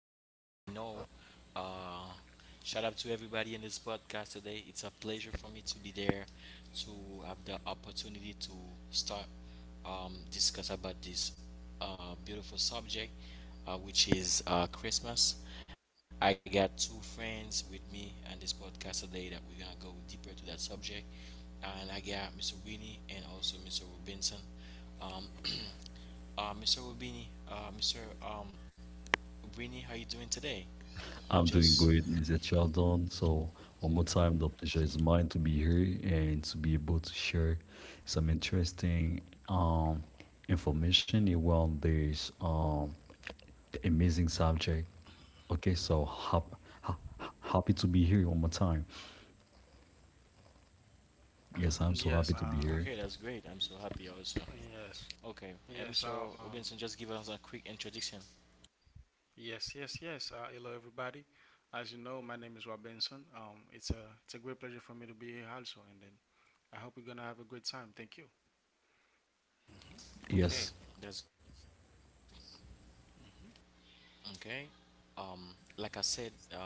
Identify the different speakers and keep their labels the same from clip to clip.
Speaker 1: As you already know, uh, shout out to everybody in this podcast today. It's a pleasure for me to be there, to have the opportunity to start discuss about this beautiful subject, which is Christmas. I got two friends with me on this podcast today that we're gonna go deeper to that subject, and I got Mr. Winnie and also Mr. Robinson. Um, Mr. Rubini, Mr. Um, Rubini, how you doing today? Uh,
Speaker 2: I'm doing
Speaker 1: just
Speaker 2: great, Mr. Sheldon. So, one more time, the pleasure is mine to be here and to be able to share some interesting information around this amazing subject. Okay, happy to be here one more time.
Speaker 1: okay.
Speaker 2: Yes, I'm
Speaker 1: That's
Speaker 2: so
Speaker 1: great.
Speaker 2: happy
Speaker 1: I'm
Speaker 2: to
Speaker 1: so
Speaker 2: be here.
Speaker 1: happy also. Okay, and Mr. Robinson, just give us a quick introduction. Okay,
Speaker 2: Yes,
Speaker 1: that's great. Okay, like I said,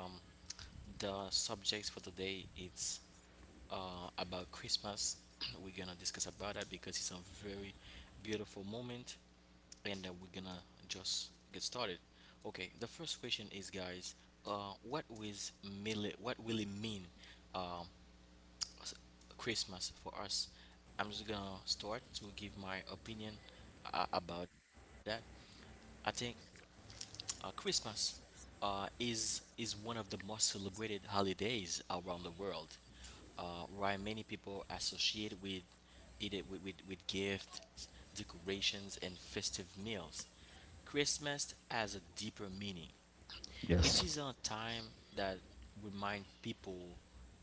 Speaker 1: the subjects for today is about Christmas. We're gonna discuss about that because it's a very beautiful moment, and we're gonna just get started. Okay, the first question is, guys, what is really what will it mean uh, s- Christmas for us? I'm just gonna start to give my opinion about that. I think Christmas is one of the most celebrated holidays around the world. Why many people associate with it with gifts, decorations, and festive meals. Christmas has a deeper meaning.
Speaker 2: yes,
Speaker 1: It is a time that remind people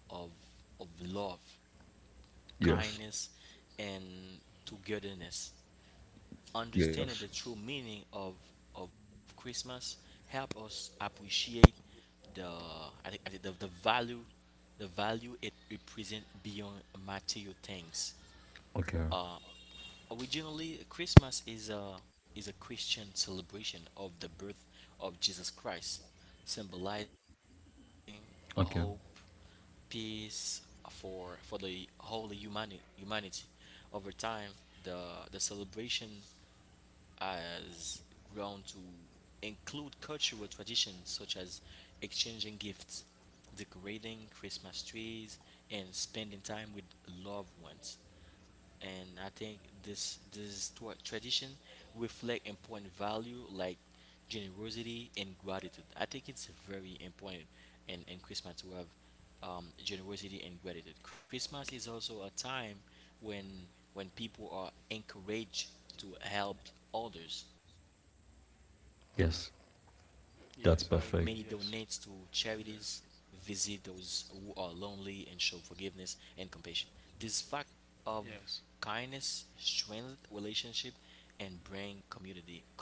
Speaker 1: of of love,
Speaker 2: yes,
Speaker 1: kindness, and togetherness
Speaker 2: yes.
Speaker 1: understanding the true meaning of Christmas help us appreciate the I think I can say the value the value it represents beyond material things.
Speaker 2: Okay,
Speaker 1: Originally, Christmas is a Christian celebration of the birth of Jesus Christ, symbolizing hope,
Speaker 2: okay.
Speaker 1: peace for the whole humanity. Over time, the the celebration has grown to include cultural traditions such as exchanging gifts, decorating Christmas trees, and spending time with loved ones, and I think this tradition reflect important value like generosity and gratitude. I think it's very important in Christmas to have generosity and gratitude. Christmas is also a time when when people are encouraged to help others. Many donates to
Speaker 2: Yes,
Speaker 1: charities,
Speaker 2: that's
Speaker 1: visit
Speaker 2: perfect.
Speaker 1: those who are lonely, and show forgiveness and compassion. This fact of kindness strengthens relationship and bring community closer together.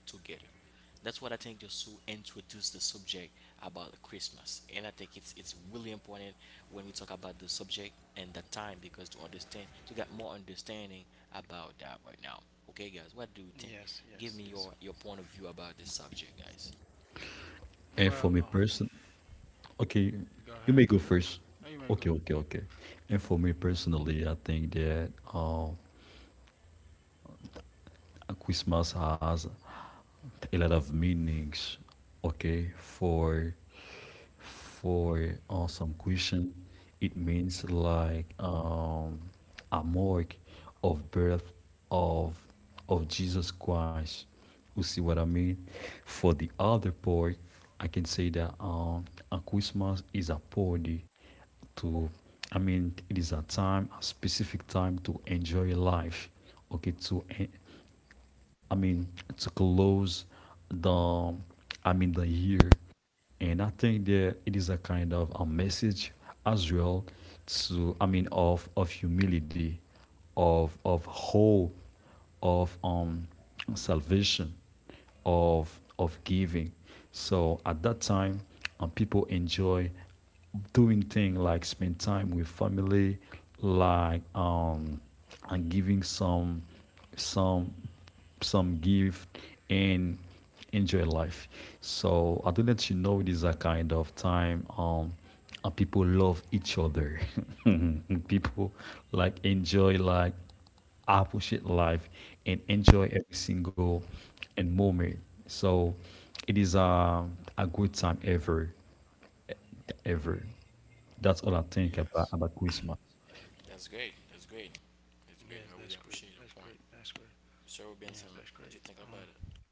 Speaker 1: That's what I think just to introduce the subject about Christmas. And I think it's really important when we talk about the subject and the time because to understand to get more understanding about that right now. Okay guys, what do you think? Give me your point of view about this subject, guys.
Speaker 2: And for me person, Okay, you may go first. Okay. And for me personally, I think that Christmas has a lot of meanings. Okay, for some Christian, it means like a mark of birth of of Jesus Christ. You see what I mean? For the other part, I can say that a Christmas is a party to I mean it is a specific time to enjoy life, okay, to I mean, to close the, I mean, the year. And I think that it is a kind of a message as well to, I mean, of humility, of hope, of salvation, of giving. So at that time, people enjoy doing things like spend time with family, like and giving some some give and enjoy life. So I do let you know it is a kind of time and people love each other. People like enjoy like appreciate life and enjoy every single and moment. So it is a good time ever. That's all I think about Christmas.
Speaker 1: That's great. That's great. That's great. I really appreciate your point. Sir Benson, what do you think about it?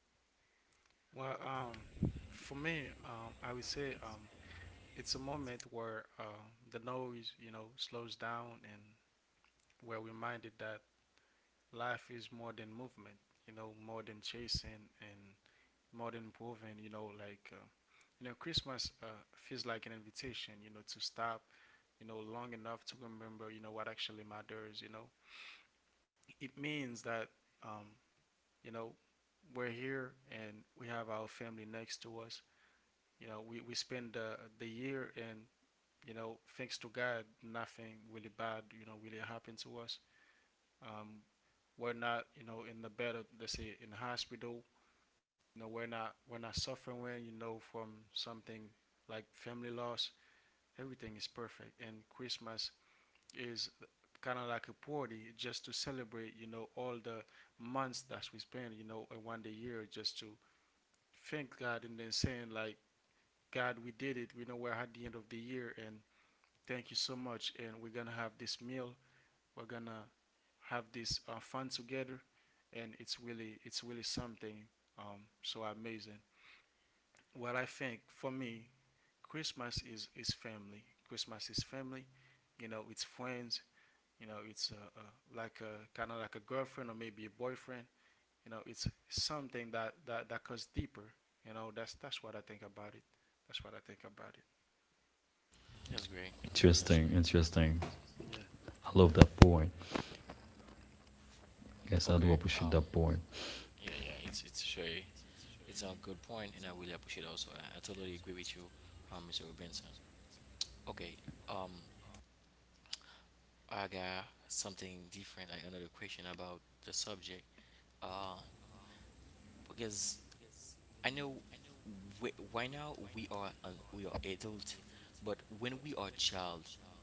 Speaker 1: That's great. That's
Speaker 2: Interesting,
Speaker 1: great.
Speaker 2: interesting. I love that point. Yes, I do
Speaker 1: Okay.
Speaker 2: appreciate that point.
Speaker 1: Yeah. Yeah. It's a good point, and I really appreciate. Also, I totally agree with you, Mr. Robinson. Okay. Um. I got something different. I another question about the subject. Uh. Because I know we are adult, but when we are child,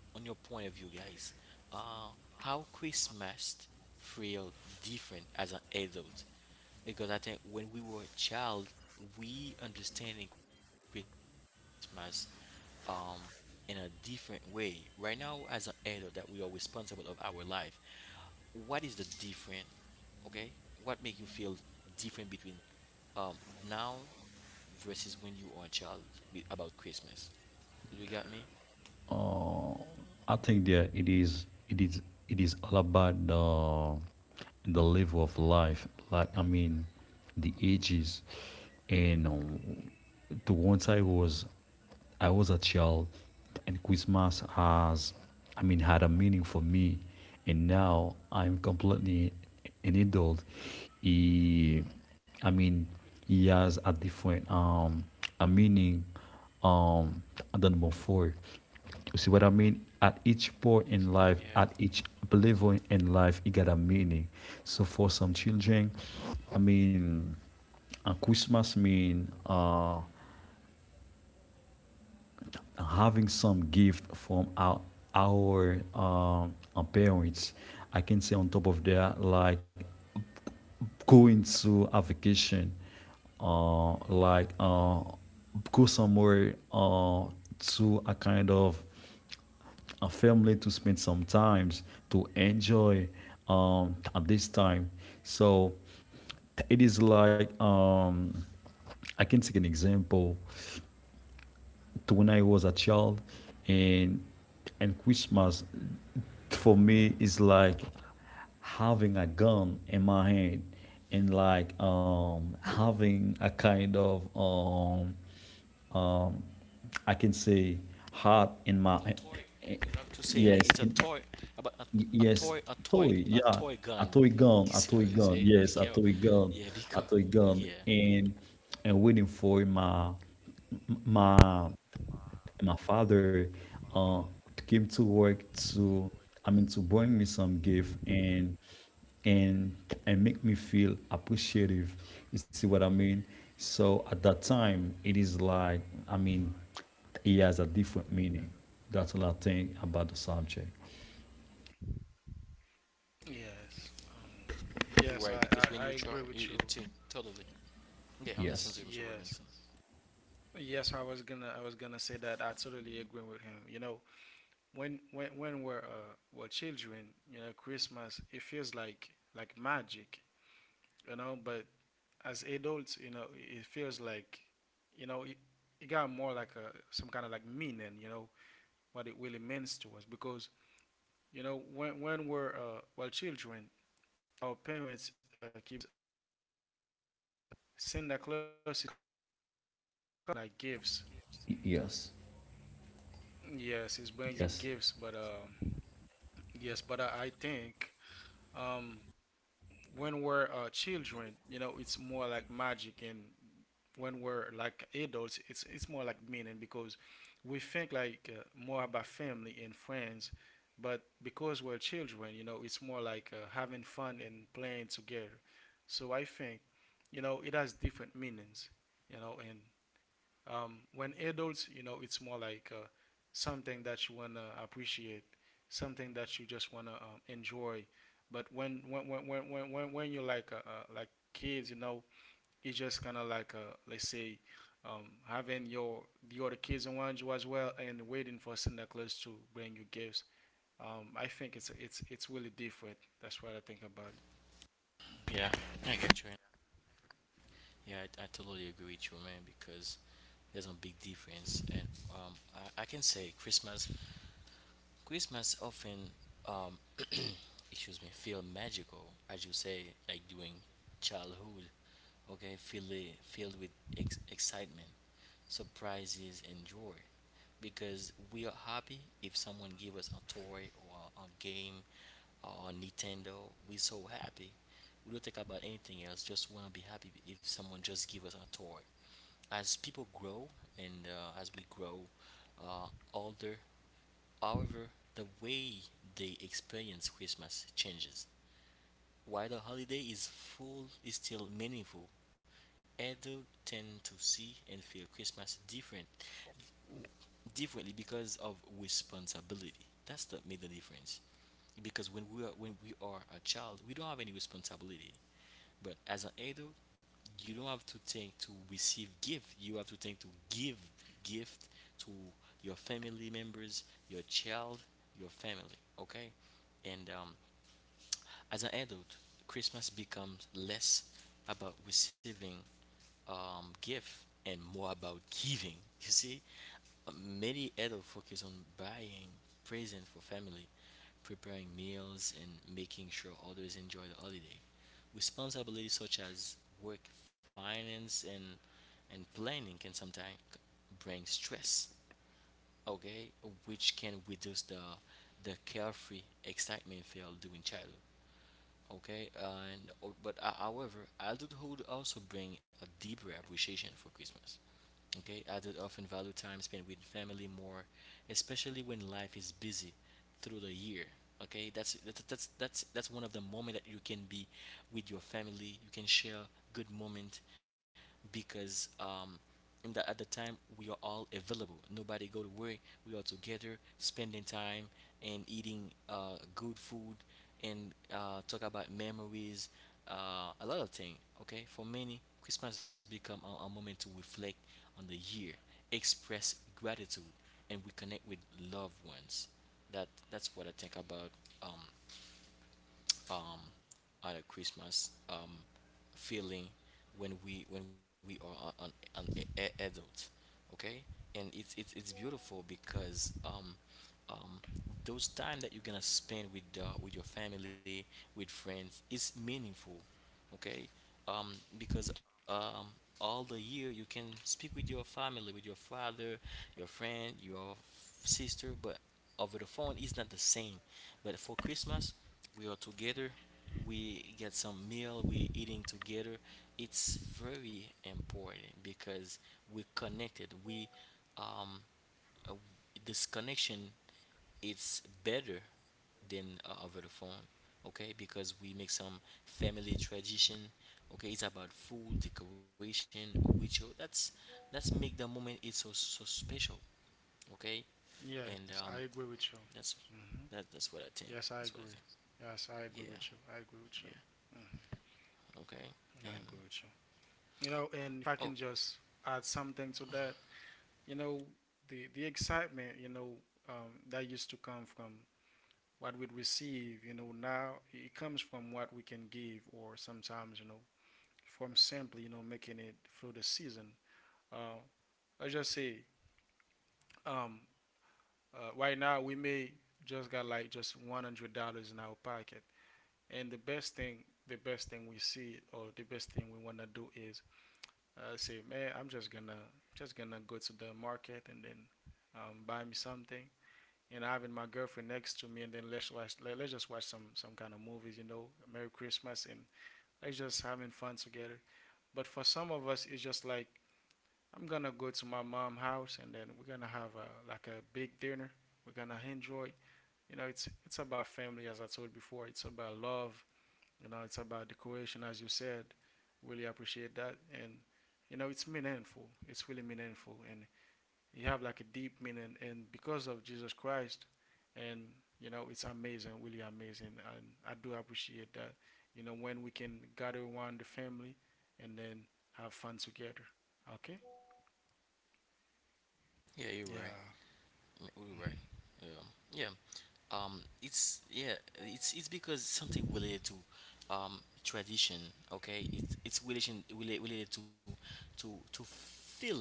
Speaker 1: on your point of view, guys, uh, how Christmas feel different as an adult? Because I think when we were a child, we understanding Christmas um, in a different way. Right now, as an adult, that we are responsible of our life, what is the different, okay, what make you feel different between um now versus when you are a child, about Christmas, you got me?
Speaker 2: Uh, I think that it is all about the level of life. Like I mean, the ages, and the once I was a child, and Christmas has I mean had a meaning for me, and now I'm completely an adult. He, I mean, he has a different a meaning, um than before. You see what I mean? At each point in life, at each
Speaker 1: Yeah,
Speaker 2: level in life, it got a meaning. So for some children, I mean, Christmas mean having some gift from our parents. I can say on top of that, like going to a vacation, uh, like uh, go somewhere to a kind of a family to spend some times to enjoy, at this time. So it is like I can take an example to when I was a child, and and Christmas for me is like having a gun in my hand and like having a kind of I
Speaker 1: the
Speaker 2: can
Speaker 1: toy.
Speaker 2: say
Speaker 1: You have to
Speaker 2: heart
Speaker 1: say
Speaker 2: in
Speaker 1: like it's
Speaker 2: my
Speaker 1: a toy.
Speaker 2: eh,
Speaker 1: about a, a
Speaker 2: yes
Speaker 1: toy,
Speaker 2: in,
Speaker 1: a toy, a toy gun.
Speaker 2: Yes,
Speaker 1: So
Speaker 2: toy.
Speaker 1: you
Speaker 2: Yeah,
Speaker 1: say be
Speaker 2: a
Speaker 1: careful.
Speaker 2: toy gun,
Speaker 1: Yeah, because
Speaker 2: Yes,
Speaker 1: yeah.
Speaker 2: a toy gun, and waiting for my m- my my father uh came to work to, I mean, to bring me some gift, and and make me feel appreciative. You see what I mean? So at that time, it is like, I mean, it has a different meaning. That's what I think about the subject.
Speaker 1: Yeah, you're right, because when you try it, it totally, yeah, I'm listening to Mr.
Speaker 2: Yes.
Speaker 1: Robinson.
Speaker 2: Yes. Yes.
Speaker 1: Yeah, I get you. Yeah, I totally agree with you, man, because there's a big difference. And um, I can say Christmas often, um, excuse me, feel magical, as you say, like during childhood. Okay, filled with excitement, surprises, and joy, because we are happy if someone give us a toy or a game or a Nintendo. We so happy. We don't think about anything else. Just wanna be happy if someone just give us a toy. As people grow and as we grow uh, older, however, the way they experience Christmas changes. While the holiday is full is still meaningful, adults tend to see and feel Christmas differently because of responsibility. That's the made the difference. Because when we are a child, we don't have any responsibility. But as an adult, you don't have to think to receive gift. You have to think to give gift to your family members, your child, your family. Okay, and as an adult, Christmas becomes less about receiving gift and more about giving. You see, many adults focus on buying present for family, preparing meals, and making sure others enjoy the holiday. Responsibilities such as work, finance, and planning can sometimes bring stress. Okay, which can reduce the carefree excitement feel during childhood. Okay, and oh, but however, adulthood also bring a deeper appreciation for Christmas. Okay, adults often value time spent with family more, especially when life is busy through the year. Okay, that's one of the moment that you can be with your family. You can share good moment because in the, at the time we are all available. Nobody go to work. We are together, spending time and eating good food and talk about memories, a lot of things. Okay, for many, Christmas become a moment to reflect on the year, express gratitude, and we connect with loved ones. That's what I think about um um at a Christmas feeling when we are adult, okay? And it's beautiful because um, those time that you're gonna spend with your family with friends is meaningful, okay, because all the year you can speak with your family, with your father, your friend, your sister, but over the phone is not the same. But for Christmas we are together, we get some meal, we eating together. It's very important because we connected, we um, uh, this connection it's better than over the phone. Okay, because we make some family tradition. Okay, it's about food, decoration, ritual. That's make the moment it's so so special. Okay, and that's that's what I think. That's what I think. Yeah. Yeah. Okay. And oh, yeah, you're right. Mm, you're right. Yeah, yeah. It's Yeah, it's because something related to tradition. Okay, it's related to to feeling.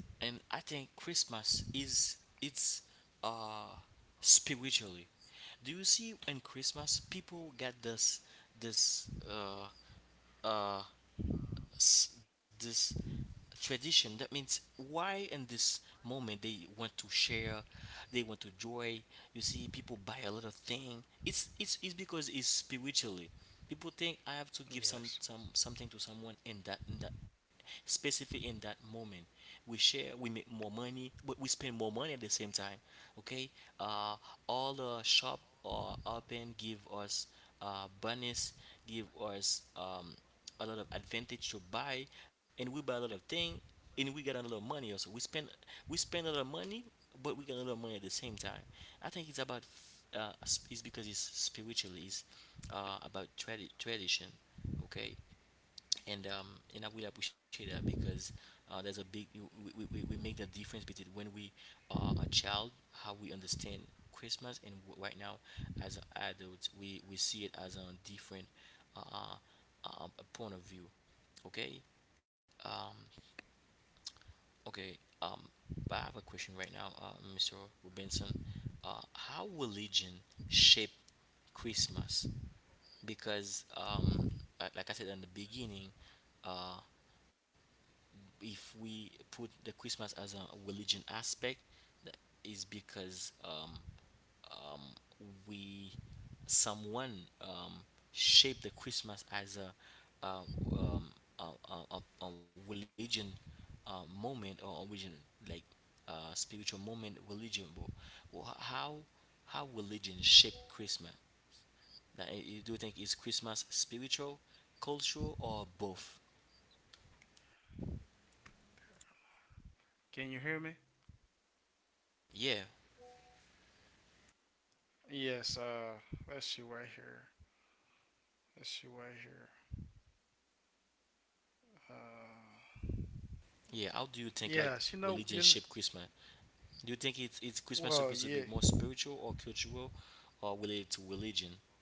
Speaker 1: And I think Christmas is, it's, uh spiritually, do you see? In Christmas people get this this uh uh this tradition. That means why in this moment they want to share, they want to joy. You see, people buy a lot of thing. It's because it's spiritually, people think I have to give something to someone in that specifically in that moment. We share, we make more money, but we spend more money at the same time. Okay, uh all the shop or open give us bonus, give us a lot of advantage to buy, and we buy a lot of thing, and we get a lot of money also, we spend, we spend a lot of money, but we get a lot of money at the same time. I think it's about it's because it's spiritually, it's about tradition. Okay. And I will appreciate that because there's a big we make the difference between when we are a child, how we understand Christmas, and right now as an adult we see it as a different uh, uh, point of view. Okay. um okay um but I have a question right now, Mr. Robinson. How religion shape Christmas? Because like I said in the beginning, uh if we put the Christmas as a religion aspect, that is because we someone um, shaped the Christmas as a uh, um, a, a religion moment or religion, like spiritual moment religion. But wh- how how religion shaped Christmas? That, eh, you do think is Christmas spiritual, cultural, or both? Yeah. Yeah, how do you think like religion shape Christmas? Do you think it's Christmas supposed to be more spiritual or cultural or related to religion?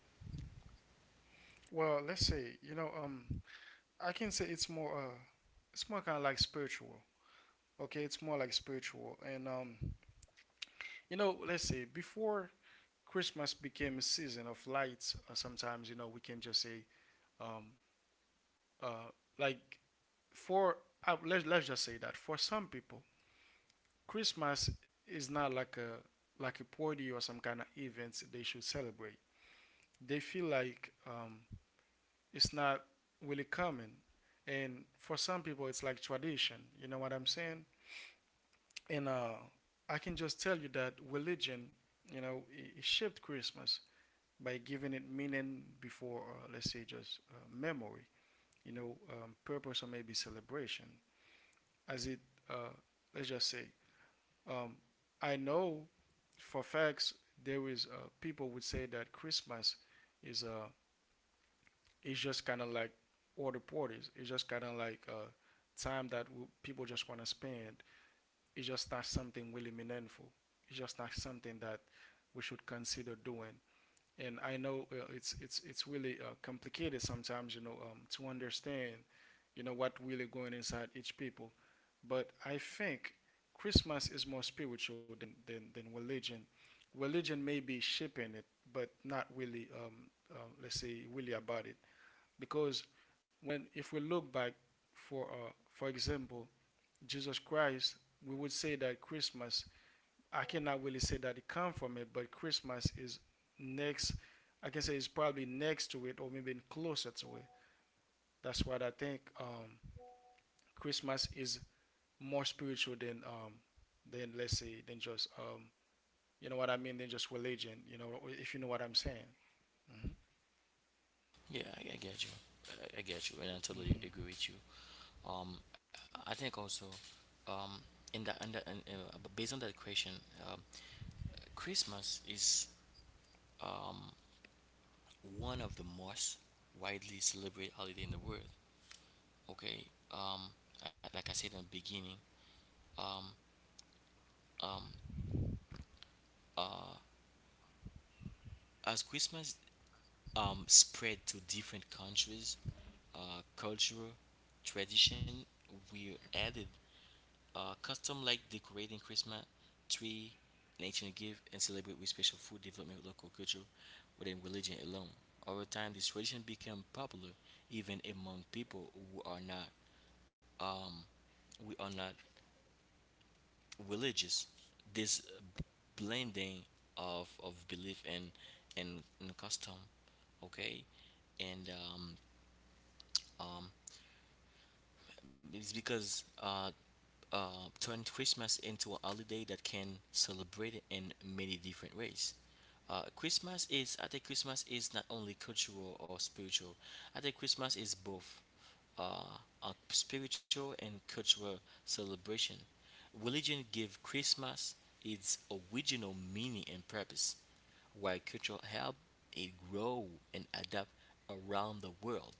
Speaker 1: Yeah, I get you. I get you, and I totally agree with you. Um, I think also, um, in that and in, based on that question, um, Christmas is um one of the most widely celebrated holiday in the world. Okay, I- like I said in the beginning, um, as Christmas spread to different countries, cultural tradition. We added custom like decorating Christmas tree, nature gift, and celebrate with special food development with local culture within religion alone. Over time, this tradition became popular even among people who are not um, we are not religious. This b- blending of belief and custom, okay, and um, it's because turn Christmas into a holiday that can celebrate it in many different ways. Christmas is, I think, Christmas is not only cultural or spiritual. I think Christmas is both a spiritual and cultural celebration. Religion give Christmas its original meaning and purpose, while culture help it grow and adapt around the world.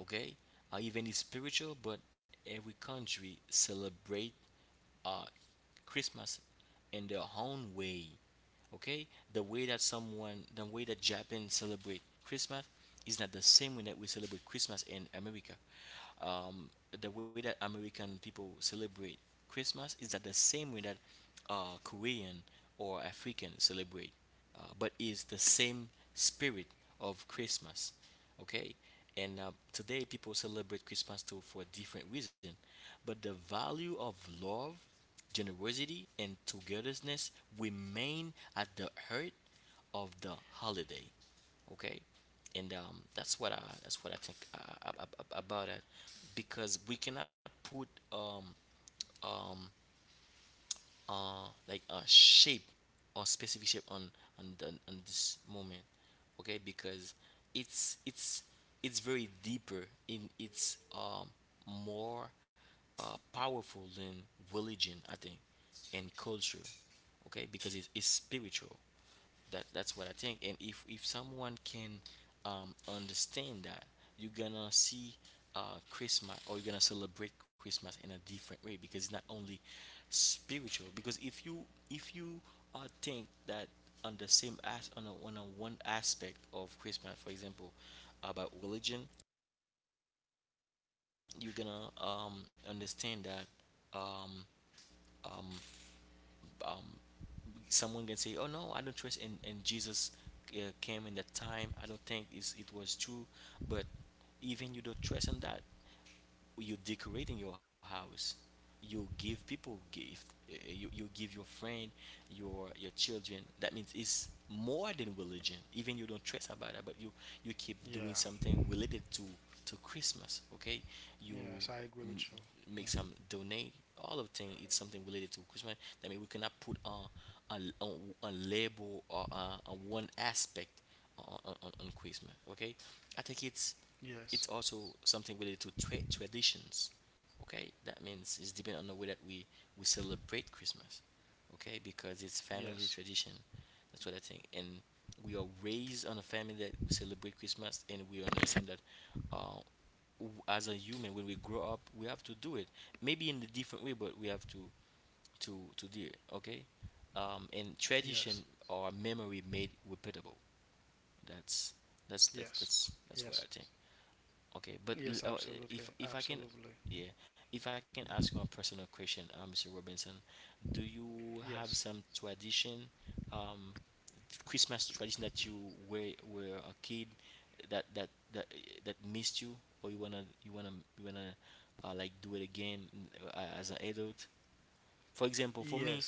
Speaker 1: Okay, even it's spiritual, but every country celebrate uh, Christmas in their own way. Okay, the way that someone, the way that Japan celebrate Christmas is not the same way that we celebrate Christmas in America. Um, the way that American people celebrate Christmas is not the same way that Korean or African celebrate, but is the same spirit of Christmas. Okay, and today people celebrate Christmas too for a different reason, but the value of love generosity, and togetherness remain at the heart of the holiday. Okay, and that's what I think about it, because we cannot put um, like a shape or specific shape on on this moment, okay, because it's it's very deeper in it's more powerful than religion, I think, and culture. Okay, because it's spiritual. That's what I think. And if someone can understand that, you're gonna see Christmas or you're gonna celebrate Christmas in a different way because it's not only spiritual. Because if you think that on the same as on on a one aspect of Christmas, for example, about religion, you're gonna understand that um, um, um, someone can say, "Oh no, I don't trust in and Jesus came in that time. I don't think it was true." But even you don't trust in that, you decorating your house, you give people gift, you give your friend, your children. That means it's more than religion. Even you don't stress about it, but you keep doing something related to Christmas. Okay, you m- make some donate, all of thing it's something related to Christmas. I mean, we cannot put on a, a, a label or a on one aspect on Christmas. Okay, I think it's also something related to traditions, okay, that means it's depending on the way that we celebrate Christmas. Okay, because it's family tradition, that's what I think. And we are raised on a family that we celebrate Christmas and we understand that uh as a human, when we grow up, we have to do it, maybe in a different way, but we have to to do it. Okay, and tradition or memory made repeatable. That's that's that's that's that's what I think. Okay, but if I can, yeah, if I can ask you a personal question, Mr. Robinson, do you have some tradition, um, Christmas tradition that you were a kid that that that that missed you, or you wanna like do it again, mm, as an adult? For example, for me,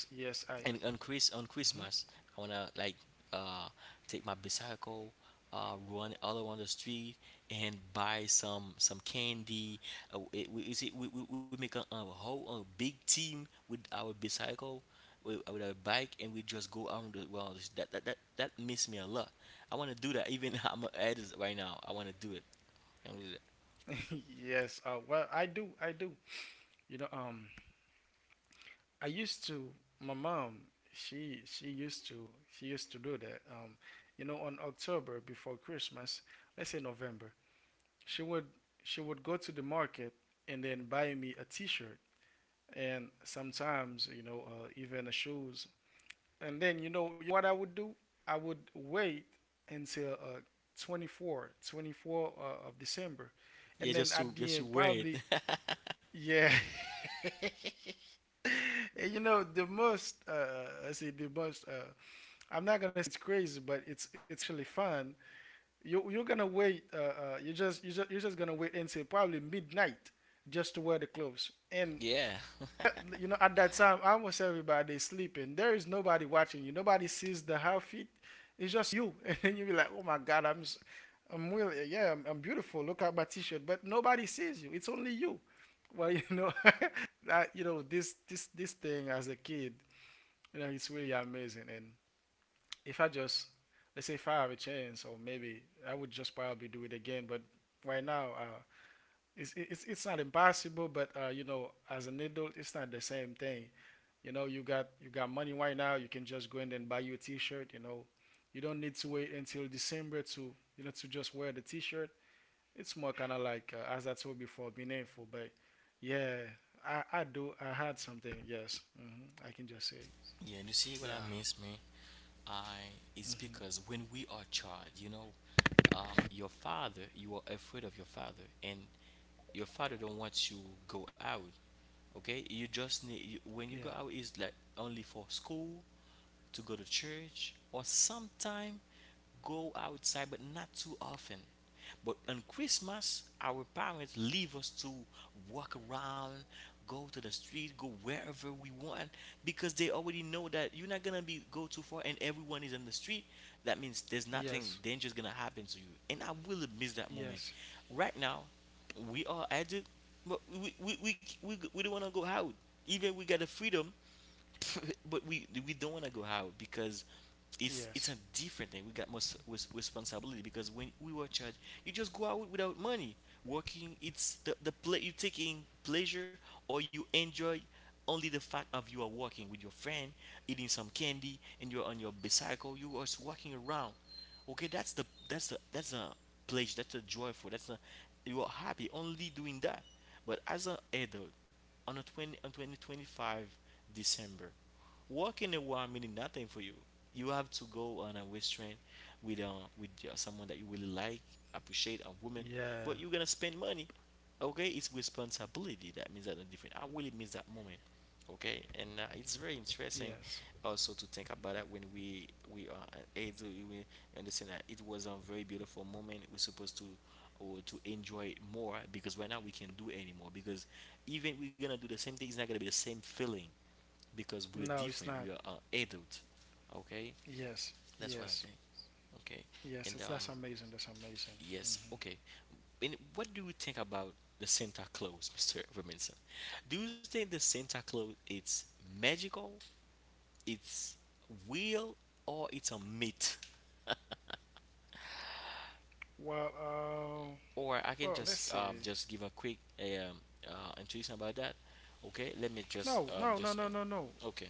Speaker 1: and on Chris on Christmas, I wanna like uh take my bicycle, uh, run all around the street and buy some candy. We, you see, we make a whole, a big team with our bicycle, with our bike, and we just go around the world. That miss me a lot. I wanna do that. Even I'm an artist right now. I wanna do it. I wanna do that. Yeah, just to wear it. yeah, yeah. You see what I miss, man. I Is because when we are child, you know, your father, you are afraid of your father, and your father don't want you go out. Okay, you just need you, when you go out is like only for school, to go to church, or sometime go outside, but not too often. But on Christmas, our parents leave us to walk around, go to the street, go wherever we want, because they already know that you're not gonna be go too far, and everyone is on the street. That means there's nothing dangerous gonna happen to you. And I will miss that moment. Right now, we are at it, but we don't wanna go out. Even we got the freedom, but we don't want to go out because it's a different thing. We got more responsibility, because when we were charged, you just go out without money. Working, it's the play you taking pleasure or you enjoy only the fact of you are walking with your friend, eating some candy, and you're on your bicycle. You are just walking around. Okay, that's a pleasure. That's a joyful. That's a you are happy only doing that. But as an adult, on a 20 on 20 25 December, walking a while meaning nothing for you. You have to go on a restaurant with uh, with someone that you really like, appreciate, a woman, but you're gonna spend money. Okay, it's responsibility. That means that the different. I really miss that moment. Okay, and it's very interesting also to think about that when we are able we understand that it was a very beautiful moment. We're supposed to or to enjoy it more because right now we can't do it anymore because even we're gonna do the same thing, it's not gonna be the same feeling because we're different. We are adult. Okay, that's what I think. Okay, and yes, okay. And what do you think about the Santa Claus, Mister Robinson? Do you think the Santa Claus it's magical, it's real, or it's a myth? Or I can just give a quick introduction about that. Okay, let me just okay.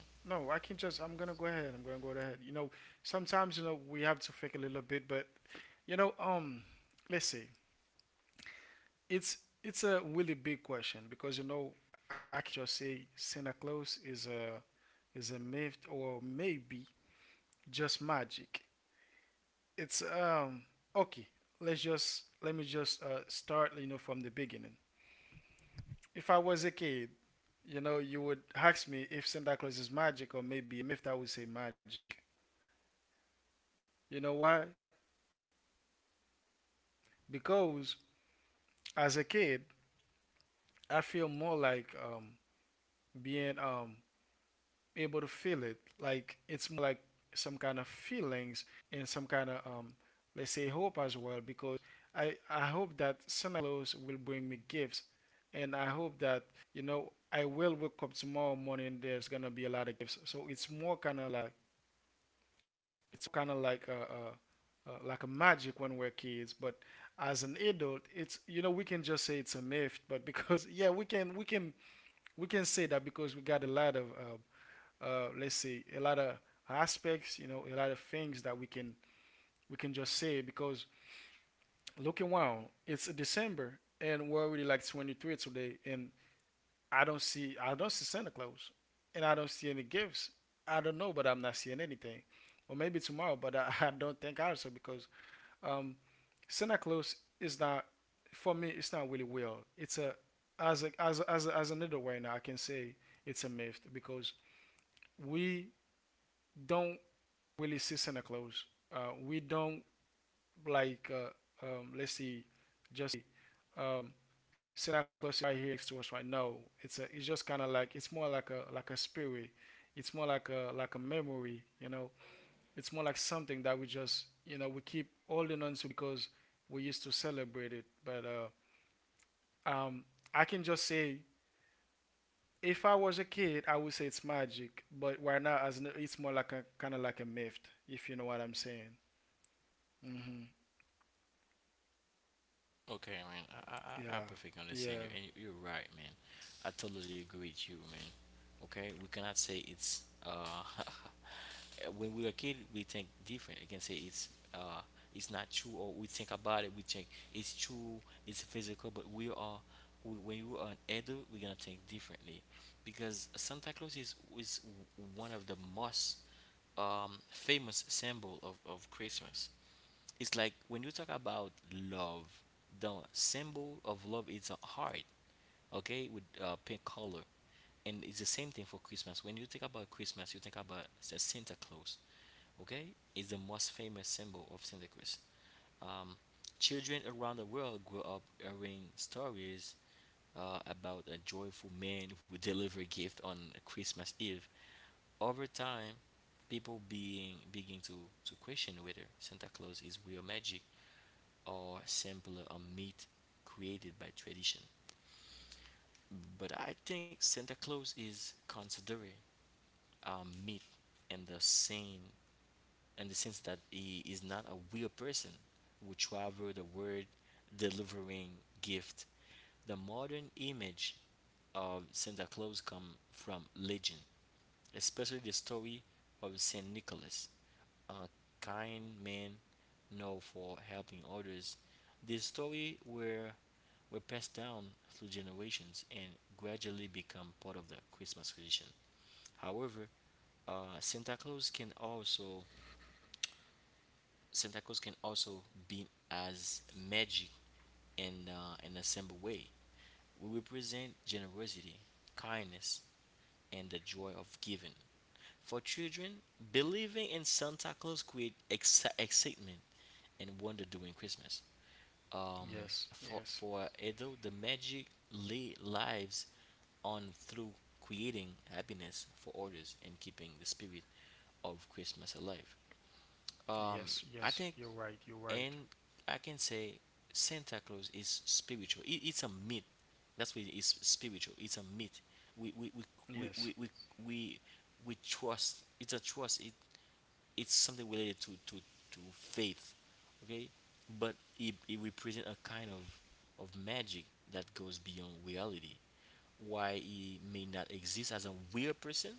Speaker 1: Okay, man. I perfectly understand you, and you're right, man. I totally agree with you, man. Okay, we cannot say it's when we were a kid we think different. You can say uh it's not true, or we think about it. We think it's true, it's physical, but when you are an adult, we're gonna think differently because Santa Claus is one of the most famous symbol of Christmas. It's like when you talk about love, the symbol of love is a heart, okay, with pink color, and it's the same thing for Christmas. When you think about Christmas, you think about the Santa Claus, okay? It's the most famous symbol of Santa Claus. Um, children around the world grow up hearing stories about a joyful man who delivered a gift on Christmas Eve. Over time, people being begin to question whether Santa Claus is real magic or simpler or myth created by tradition. But I think Santa Claus is considered a myth in the same in the sense that he is not a real person who traveled the world delivering gift. The modern image of Santa Claus come from legend, especially the story of Saint Nicholas, a kind man known for helping others. This story were passed down through generations and gradually become part of the Christmas tradition. However, uh, Santa Claus can also Santa Claus can also be as magic in a simple way. We represent generosity, kindness, and the joy of giving. For children, believing in Santa Claus creates excitement and wonder during Christmas. Um, for Edo, the magic lives on through creating happiness for others and keeping the spirit of Christmas alive. Um, I think, and I can say Santa Claus is spiritual. It's a myth. That's what it is spiritual. It's a myth. We we we we we we, we, we trust. It's a trust. It's something related to faith. Okay, but it represents a kind of magic that goes beyond reality. Why, he may not exist as a real person,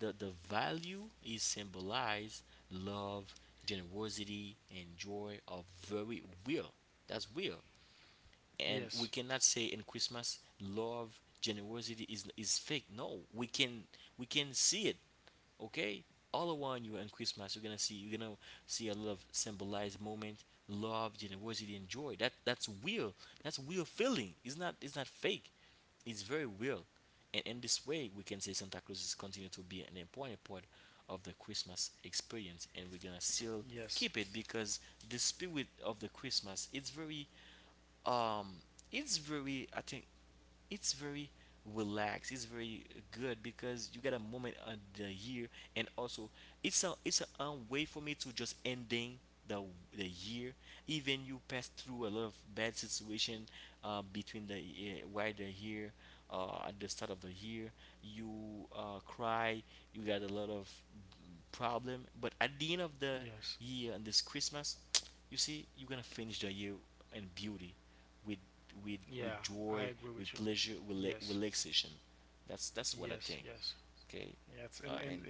Speaker 1: the value is symbolized. Love, generosity and joy are very real. That's real. And we cannot say in Christmas love generosity is fake. No, we can, we can see it. Okay, all around you on Christmas you're gonna see, you're gonna see a lot of symbolized moment, love, generosity and joy. That's real. That's real feeling. It's not, it's not fake. It's very real. And in this way we can say Santa Claus is continue to be an important part of the Christmas experience, and we're gonna still keep it because the spirit of the Christmas, it's very, um it's very, I think, it's very relaxed, it's very good, because you get a moment of the year. And also it's a way for me to just ending the the year. Even you pass through a lot of bad situation between the, while the year, at the start of the year, you cry, you got a lot of problem, but at the end of the year and this Christmas, you see, you're gonna finish the year in beauty, with, with joy, with pleasure, with relaxation. That's what I think. Okay, and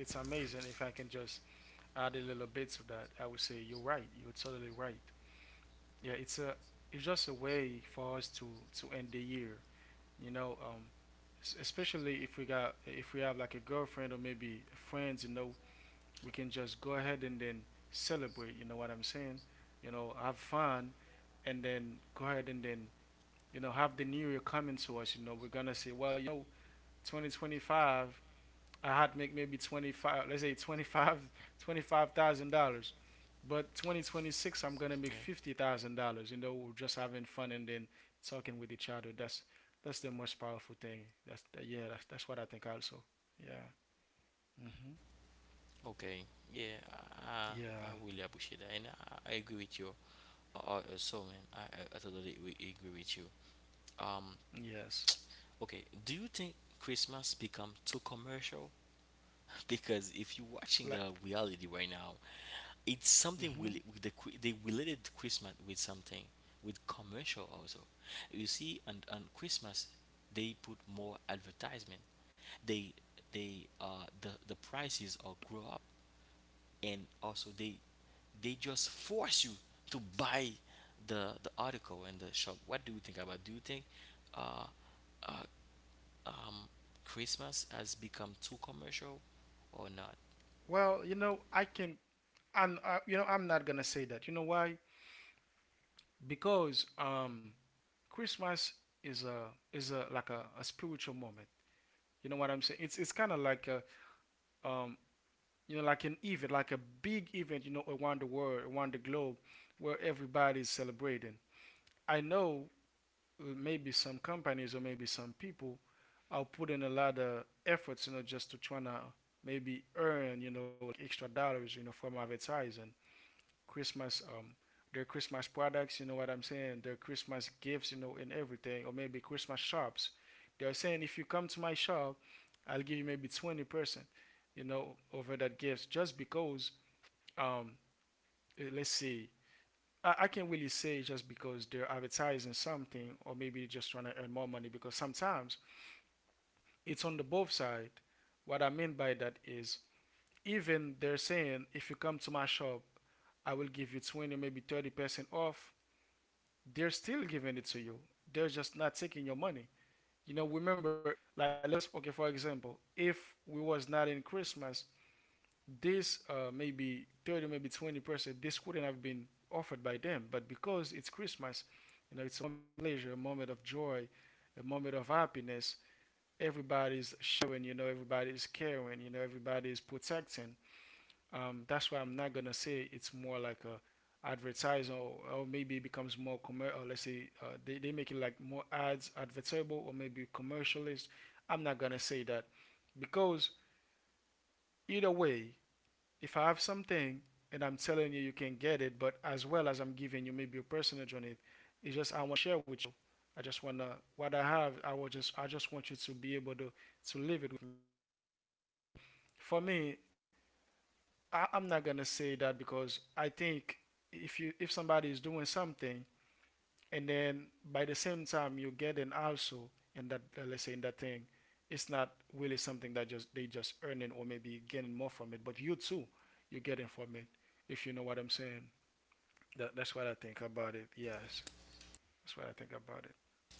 Speaker 1: yeah. Okay. Yeah. I I really appreciate that, and I agree with you. So man, I totally re- agree with you. Um. Okay. Do you think Christmas become too commercial? Because if you're watching the reality right now, it's something really with the they related Christmas with something, with commercial also. You see, on Christmas they put more advertisement. They, the prices are grow up, and also they just force you to buy the article in the shop. What do you think about? Do you think, uh um Christmas has become too commercial or not?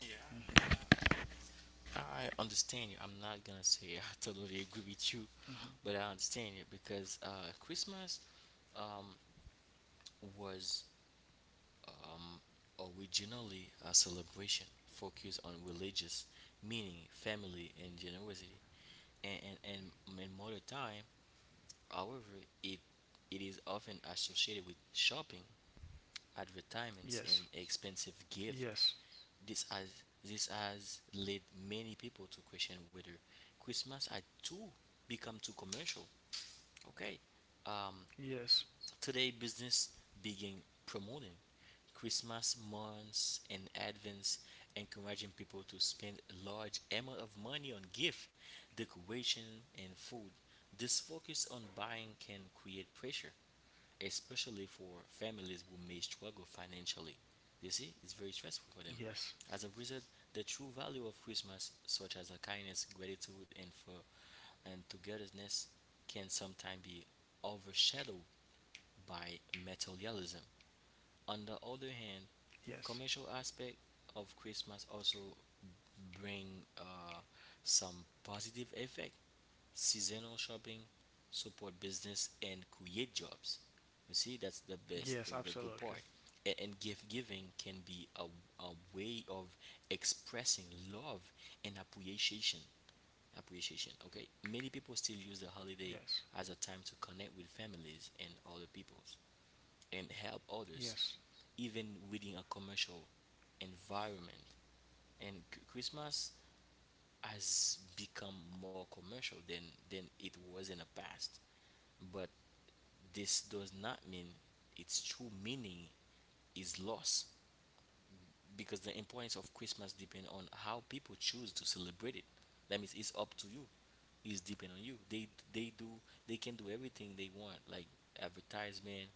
Speaker 1: Yeah, I understand you. I'm not gonna say I totally agree with you, but I understand you because, Christmas, um, was, um, originally a celebration focused on religious meaning, family, and generosity. And and and modern time, however, it is often associated with shopping, advertisements, and expensive gifts. This has led many people to question whether Christmas had too become too commercial. Okay, um, today business begin promoting Christmas months in advance, encouraging people to spend a large amount of money on gift, decoration, and food. This focus on buying can create pressure, especially for families who may struggle financially. You see, it's very stressful for them. As a result, the true value of Christmas, such as a kindness, gratitude, and for and togetherness, can sometimes be overshadowed by materialism. On the other hand, commercial aspect of Christmas also bring uh, some positive effect, seasonal shopping, support business, and create jobs. You see, that's the best, the good part. And gift giving can be a way of expressing love and appreciation. Appreciation, okay? Many people still use the holiday as a time to connect with families and other peoples and help others, even within a commercial environment. And Christmas has become more commercial than it was in the past, but this does not mean its true meaning is lost, because the importance of Christmas depends on how people choose to celebrate it. That means it's up to you. It's depend on you. They do they can do everything they want, like advertisement,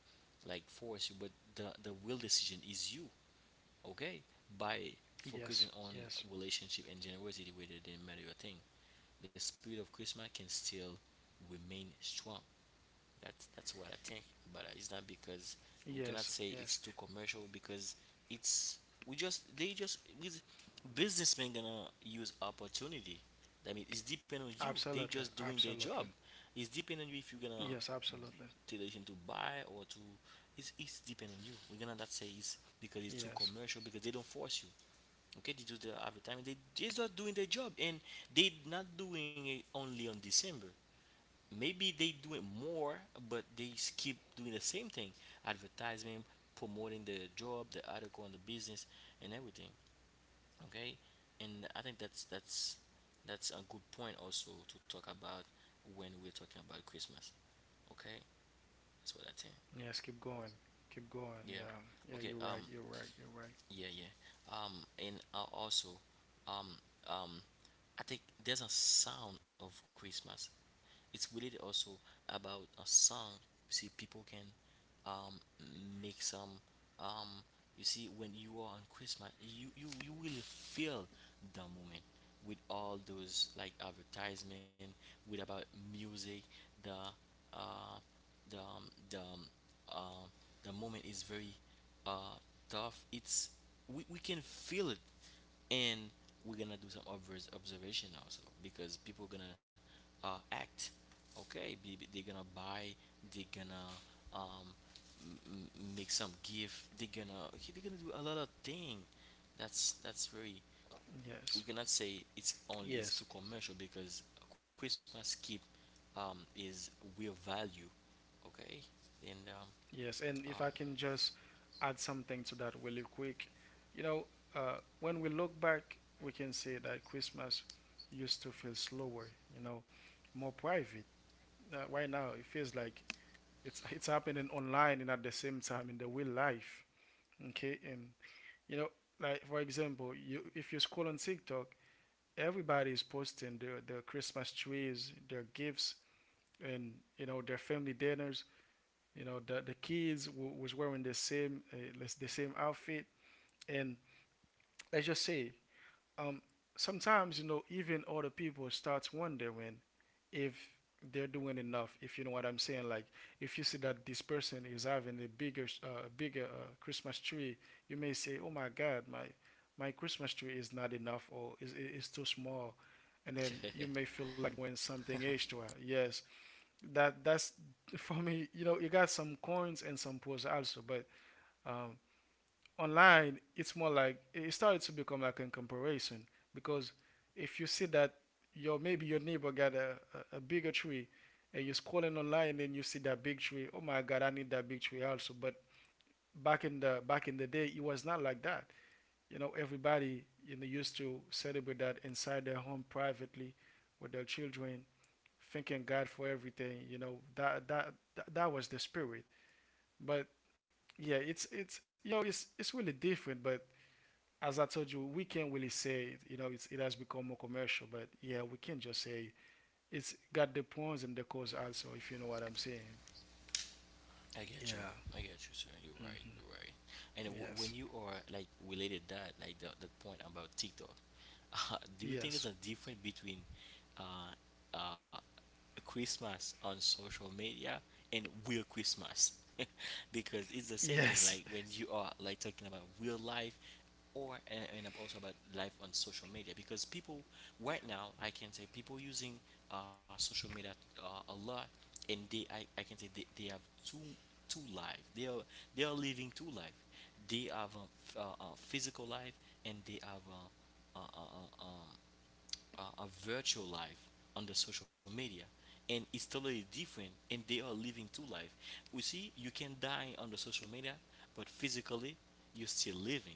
Speaker 1: like force you, but the real decision is you. Okay, by focusing on relationship and generosity rather than material thing, the spirit of Christmas can still remain strong. That's what I think. But it's not because, we cannot say it's too commercial because it's, we just, they just with businessmen gonna use opportunity. I mean, it's depend on you. They just doing their job. It's depend on you if you're gonna take the decision to buy or to. It's depend on you. We're gonna not say it's because it's too commercial because they don't force you. Okay, they do the advertising. They just doing their job, and they not doing it only on December. Maybe they do it more, but they keep doing the same thing, advertisement, promoting the job, the article, and the business and everything. Okay, and I think that's that's a good point also to talk about when we're talking about Christmas. Okay, that's what I think. Yeah. Okay. Yeah, yeah. Um, and also, um, um, I think there's a sound of Christmas. It's related also about a song. You see, people can, um make some, um. You see, when you are on Christmas, you will feel the moment with all those like advertisement, with about music, the uh the um, the um, uh, the moment is very, uh, tough. It's, we can feel it, and we're gonna do some obvious observation also because people gonna, act. Okay, they're gonna buy, they're gonna, um, m- make some gift, they're gonna, okay, they're gonna do a lot of thing. That's very, we cannot say it's only, it's too commercial because Christmas keep, is real value, okay? And, um, I get you. I get you, sir. You're right. You're right. And when you are like related that, like the point about TikTok, do you think there's a difference between, uh, uh, Christmas on social media and real Christmas? Because it's the same thing. Like when you are like talking about real life or, and also about life on social media. Because people right now, I can say people using, social media a lot, and they, I can say they have two two life. They are living two life. They have a, a physical life, and they have a, a virtual life on the social media, and it's totally different, and they are living two life. We see, you can die on the social media but physically you're still living,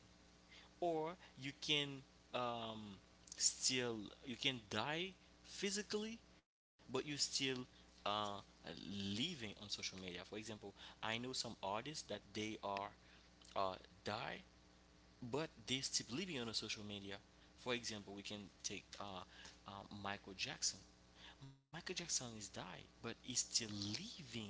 Speaker 1: or you can, um, still, you can die physically but you are still uh, living on social media. For example, I know some artists that they are, uh, die, but they still living on a social media. For example, we can take, uh, Michael Jackson. Michael Jackson is died, but he's still living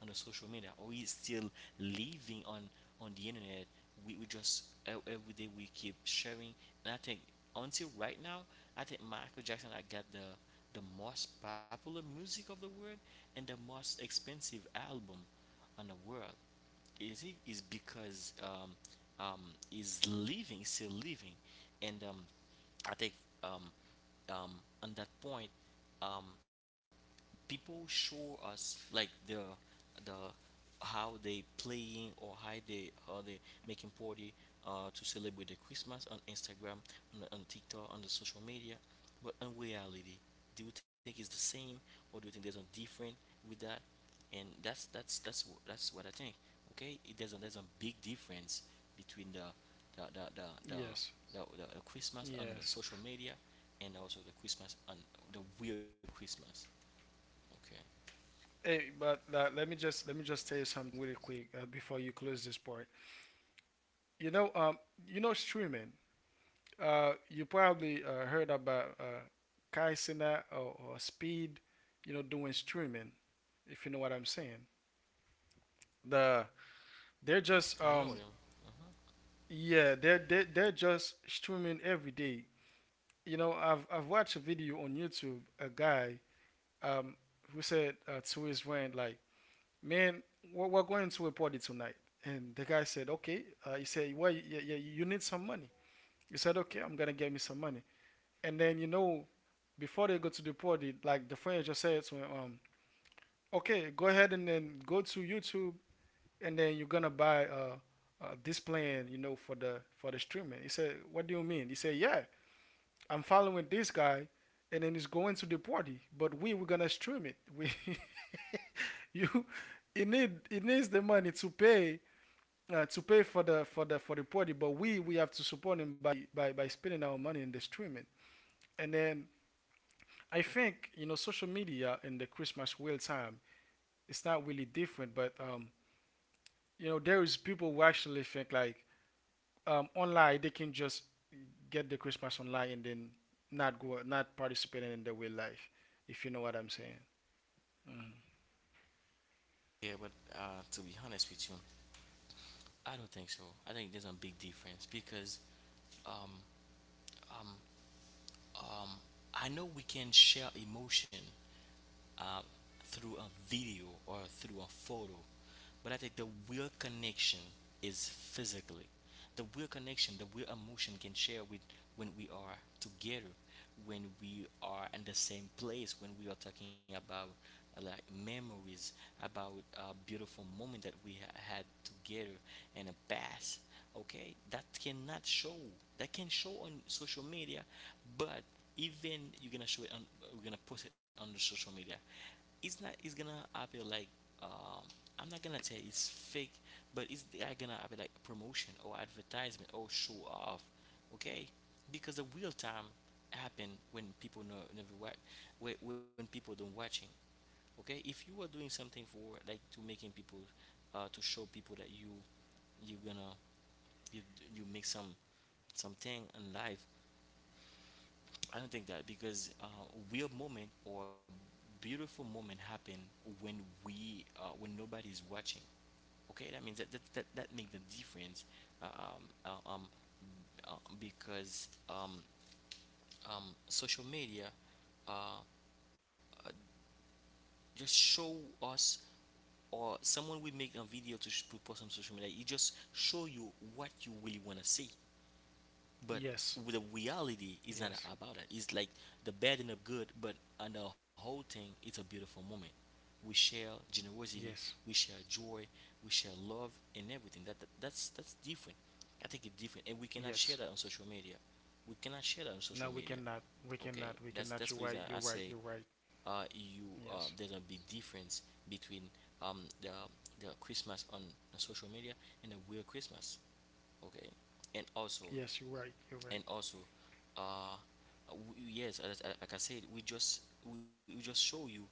Speaker 1: on the social media, or he's still living on the internet. We just every day we keep sharing, and I think until right now, I think Michael Jackson I got the most popular music of the world and the most expensive album on the world. You see, is because, um is living, still living, and I think, um um on that point, um people show us like the how they playing or how they, how they making party, to celebrate the Christmas on Instagram, on, on TikTok, on the social media. But in reality, do you think it's the same, or do you think there's a different with that? And that's what I think. Okay, there's a, there's a big difference between the the the the, the Christmas on the social media and also the Christmas on the real Christmas. Okay. Hmm, I know them. Uh-huh. Yeah, but to be honest with you, I don't think so. I think there's a big difference because, um, um, um, I know we can share emotion, uh, through a video or through a photo. But I think the real connection is physically. The real connection, the real emotion can share with, when we are together, when we are in the same place, when we are talking about, like memories, about a beautiful moment that we had together in the past. Okay, that cannot show. That can show on social media, but even you're gonna show it on, we're gonna post it on the social media, it's not, it's gonna appear like, um I'm not gonna tell it's fake, but it's they're gonna appear like promotion or advertisement or show off. Okay, because the real time happen when people know never watch, when people don't watching. Okay, if you are doing something for like to making people, to show people that you you're gonna you you make some something in life, I don't think that because, weird moment or beautiful moment happen when we, when nobody is watching. Okay, that means that make the difference. uh, Um, uh, um, because, social media, uh, just show us, or someone will make a video to put post on social media. It just show you what you really wanna see. But the reality is not about that. It's like the bad and the good, but on the whole thing, it's a beautiful moment. We share generosity, we share joy, we share love, and everything. That's that's different. I think it's different, and we cannot share that on social media. We cannot share that on social media. Okay, that's the reason I say, you there's a big difference between, um the the Christmas on the social media and the real Christmas. Okay, and also and also uh yes, as, like I said, we just show you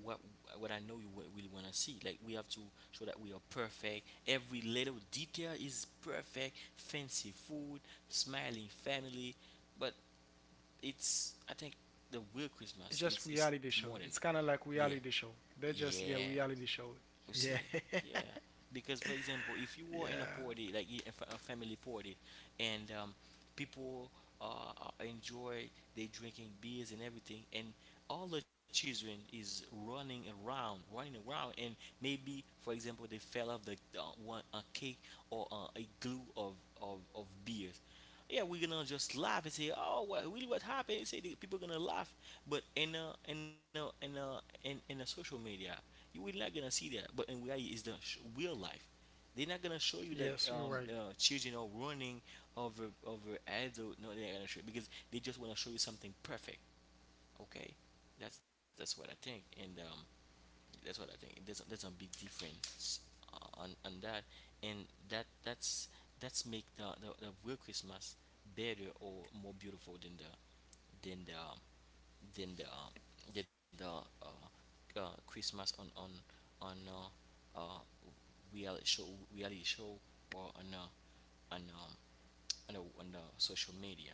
Speaker 1: what I know you really want to see. Like, we have to show that we are perfect, every little detail is perfect, fancy food, smiling family. But it's, I think the real Christmas is more than that. Yeah, yeah, you see, yeah. Because, for example, if you were in a party, like a family party, and people enjoy, they drinking beers and everything, and all the children is running around, and maybe, for example, they fell off the one a cake or a glue of of beers. Yeah, we're gonna just laugh and say, "Oh, what really what happened?" You say the people gonna laugh, but in a in a social media, you will not gonna see that. But in reality, is the real life. They're not gonna show you that children are running over adult. No, they're not gonna show, because they just wanna show you something perfect. Okay, that's what I think. And that's what I think. There's a big difference on that, and that that's make the real Christmas better or more beautiful than the than the than the than the Christmas on on uh, uh, real show reality show, or on on the social media.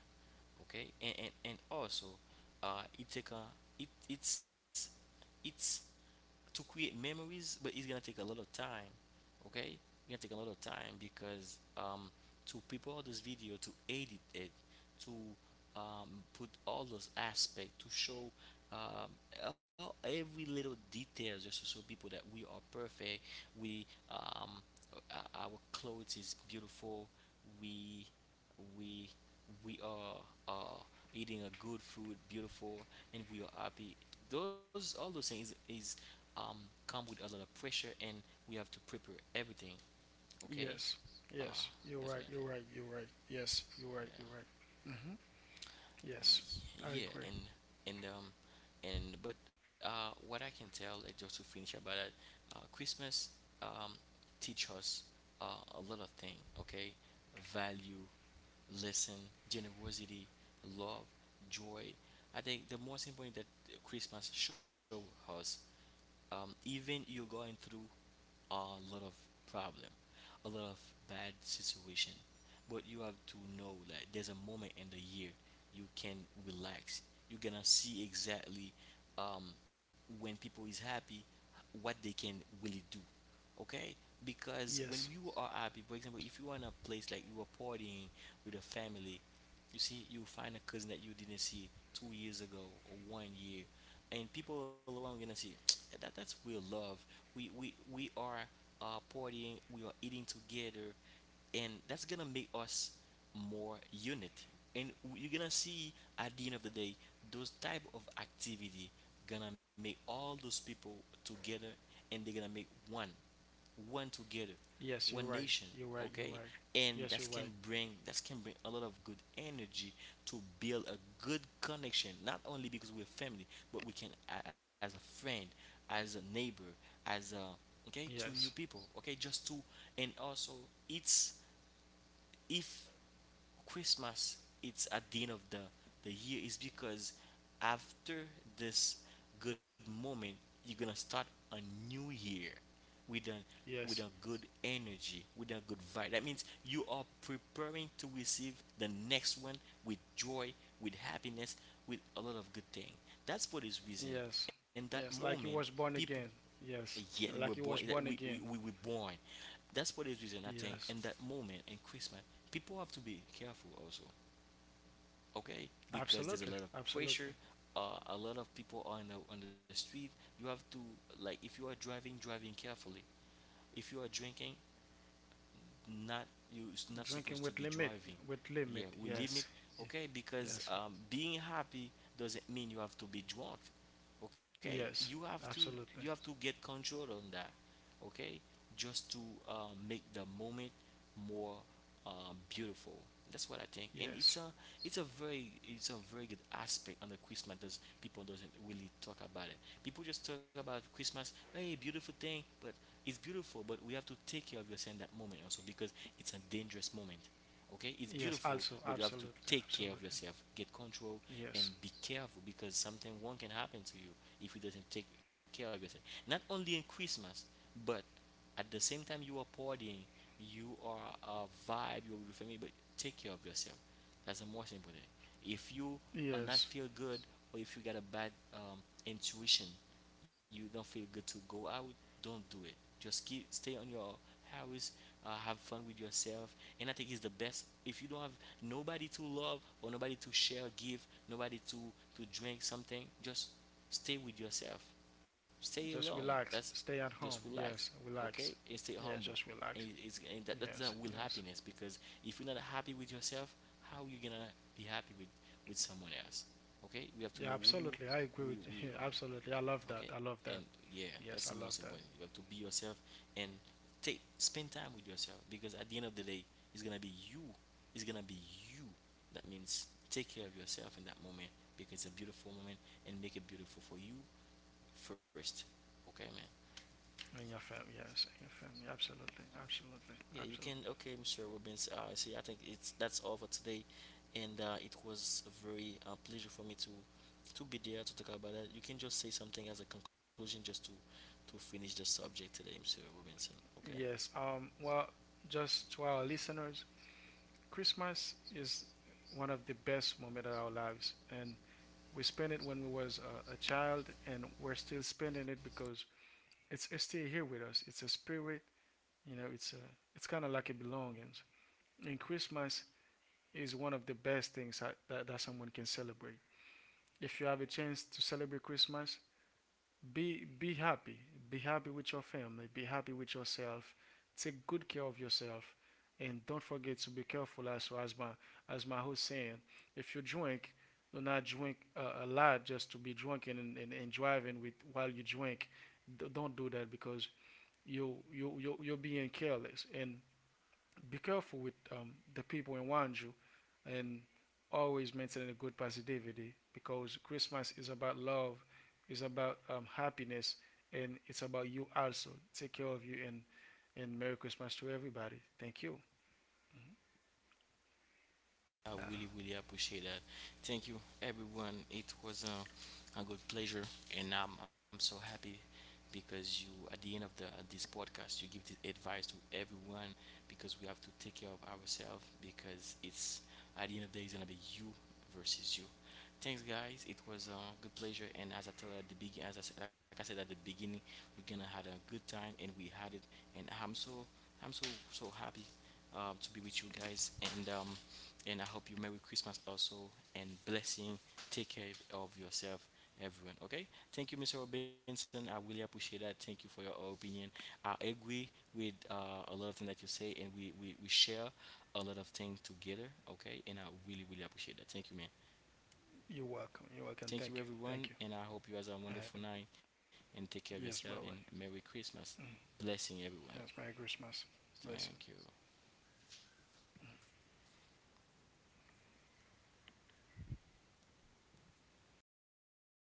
Speaker 1: Okay, and also, it take a it it's to create memories, but it's gonna take a lot of time. Okay, it's gonna take a lot of time because to prepare this video, to edit it, to put all those aspects, to show um, all, every little details, just to show people that we are perfect. We um, our clothes is beautiful. We we we are uh, eating a good food, beautiful, and we are happy. Those things is um, come with a lot of pressure, and we have to prepare everything. Okay,
Speaker 3: Yes.
Speaker 1: uh,
Speaker 3: Yes. You're
Speaker 1: that's
Speaker 3: right.
Speaker 1: what I
Speaker 3: You're
Speaker 1: think.
Speaker 3: right. You're right. Yes. You're right. You're
Speaker 1: Yeah.
Speaker 3: right. Mhm. Yes. I
Speaker 1: yeah
Speaker 3: agree.
Speaker 1: and and um and but what I can tell, like, just to finish about that, Christmas um teach us a lot of things. Okay, value, listen, generosity, love, joy. I think the most important that Christmas show us, even you're going through a lot of problem, a lot of bad situation, but you have to know that there's a moment in the year you can relax. You're gonna see exactly, um, when people is happy, what they can really do. Okay, because
Speaker 3: Yes.
Speaker 1: when you are happy, for example, if you are in a place, like you are partying with a family, you see, you find a cousin that you didn't see 2 years ago or one year, and people all around gonna see that's real love. We are partying, we are eating together, and that's gonna make us more unit. And you're gonna see, at the end of the day, those type of activity gonna make all those people together, and they're gonna make one, one together,
Speaker 3: Yes. You're
Speaker 1: one
Speaker 3: right.
Speaker 1: nation,
Speaker 3: You're right. You're right.
Speaker 1: okay?
Speaker 3: Yes.
Speaker 1: And
Speaker 3: You're right.
Speaker 1: that can bring a lot of good energy to build a good connection, not only because we're family, but we can as a friend, as a neighbor, as a, okay, to new
Speaker 3: Yes.
Speaker 1: people, okay, just to. And also, it's, if Christmas it's at the end of the year, is because after this good moment, you're gonna start a new year with a, with
Speaker 3: Yes.
Speaker 1: a good energy, with a good vibe. That means you are preparing to receive the next one with joy, with happiness, with a lot of good thing. That's for this reason.
Speaker 3: Yes.
Speaker 1: In that
Speaker 3: Yes.
Speaker 1: moment,
Speaker 3: Like you was born
Speaker 1: people,
Speaker 3: again. Yes.
Speaker 1: yet we were
Speaker 3: Like you
Speaker 1: born,
Speaker 3: was
Speaker 1: that
Speaker 3: born again.
Speaker 1: we were born, that's for the reason I think
Speaker 3: Yes.
Speaker 1: in that moment, in Christmas, people have to be careful also. Okay, because there's a
Speaker 3: Absolutely.
Speaker 1: lot of pressure,
Speaker 3: Absolutely.
Speaker 1: a lot of people are on on the street. You have to, like, if you are driving, driving carefully. If you are drinking, not, you are not supposed to
Speaker 3: Drinking
Speaker 1: be
Speaker 3: with limit.
Speaker 1: driving.
Speaker 3: With
Speaker 1: Yeah,
Speaker 3: limit.
Speaker 1: we limit.
Speaker 3: Yes. Ye-
Speaker 1: Okay, because
Speaker 3: Yes.
Speaker 1: being happy doesn't mean you have to be drunk. Okay,
Speaker 3: Yes.
Speaker 1: you have to
Speaker 3: Absolutely.
Speaker 1: get control on that. Okay, just to make the moment more beautiful. That's what I think, and
Speaker 3: Yes.
Speaker 1: it's a very, it's a very good aspect on the Christmas. Does people doesn't really talk about it. People just talk about Christmas, hey, beautiful thing, but it's beautiful. But we have to take care of yourself in that moment also, because it's a dangerous moment. Okay, it's
Speaker 3: Yes.
Speaker 1: beautiful,
Speaker 3: Also.
Speaker 1: but you have to
Speaker 3: Absolutely.
Speaker 1: take care of
Speaker 3: Absolutely.
Speaker 1: yourself, get control, and
Speaker 3: Yes.
Speaker 1: be careful, because something wrong can happen to you if you doesn't take care of yourself. Not only in Christmas, but at the same time you are partying, you are a vibe, you're with your family, but take care of yourself. That's the most important. If you are not feel
Speaker 3: Yes.
Speaker 1: good, or if you got a bad um, intuition, you don't feel good to go out, don't do it. Just keep stay on your house, have fun with yourself, and I think it's the best. If you don't have nobody to love, or nobody to share, give, nobody to drink something, just stay with yourself. Stay alone.
Speaker 3: Just
Speaker 1: That's
Speaker 3: relax. Stay at
Speaker 1: just
Speaker 3: home.
Speaker 1: relax,
Speaker 3: Yes,
Speaker 1: okay, and
Speaker 3: relax.
Speaker 1: stay humble.
Speaker 3: Yeah, just
Speaker 1: And it-
Speaker 3: relax.
Speaker 1: it's and that that's not real
Speaker 3: Yes,
Speaker 1: happiness,
Speaker 3: yes.
Speaker 1: because if you're not happy with yourself, how you gonna be happy with someone else? Okay, we have to know
Speaker 3: Yeah, absolutely. I agree
Speaker 1: who
Speaker 3: with
Speaker 1: we
Speaker 3: you.
Speaker 1: are.
Speaker 3: Absolutely. I love that.
Speaker 1: Okay,
Speaker 3: I
Speaker 1: and
Speaker 3: love that.
Speaker 1: yeah, that's the
Speaker 3: Yes,
Speaker 1: most
Speaker 3: I love
Speaker 1: important. You
Speaker 3: that.
Speaker 1: have to be yourself, and take spend time with yourself, because at the end of the day, it's gonna be you. It's gonna be you. That means take care of yourself in that moment, because it's a beautiful moment, and make it beautiful for you first. Okay, man.
Speaker 3: In your family, yes, in your family, absolutely, absolutely,
Speaker 1: Yeah, you can.
Speaker 3: absolutely.
Speaker 1: Okay, Mr. Robbins. I see. I think it's that's all for today, and it was a very pleasure for me to be there to talk about that. You can just say something as a conclusion, just to finish the subject today, Mr. Robinson. Okay.
Speaker 3: Yes. Well, just to our listeners, Christmas is one of the best moments of our lives, and we spent it when we was a child, and we're still spending it because it's still here with us. It's a spirit. You know, it's a, it's kind of like a belonging. And Christmas is one of the best things that, that someone can celebrate. If you have a chance to celebrate Christmas, be happy. Be happy with your family. Be happy with yourself. Take good care of yourself, and don't forget to be careful. As my host saying, if you drink, do not drink a lot just to be drunken and, and driving with while you drink. Don't do that because you're being careless, and be careful with the people around you, and always maintain a good positivity because Christmas is about love, is about happiness, and it's about you also. Take care of you, and Merry Christmas to everybody. Thank you.
Speaker 1: I really, really appreciate that. Thank you, everyone. It was a good pleasure, and I'm so happy because you, at the end of the, at this podcast, you give the advice to everyone, because we have to take care of ourselves, because it's at the end of the day, it's gonna be you versus you. Thanks, guys. It was a good pleasure, and as I told at the beginning, like I said at the beginning, we're gonna had a good time, and we had it, and I'm so so happy to be with you guys, and I hope you Merry Christmas also, and blessing. Take care of yourself, everyone. Okay, thank you, Mr. Robinson. I really appreciate that. Thank you for your opinion. I agree with a lot of things that you say, and we share a lot of things together. Okay, and I really really appreciate that. Thank you, man.
Speaker 3: You're welcome. You're welcome. Thank you.
Speaker 1: Thank you,
Speaker 3: Thank you.
Speaker 1: everyone, and I hope you guys have a
Speaker 3: Uh,
Speaker 1: wonderful night, and take care of
Speaker 3: yes.
Speaker 1: yourself,
Speaker 3: Bye
Speaker 1: and
Speaker 3: bye.
Speaker 1: Merry Christmas. Blessing everyone.
Speaker 3: Yes. Merry Christmas. Listen.
Speaker 1: Thank you.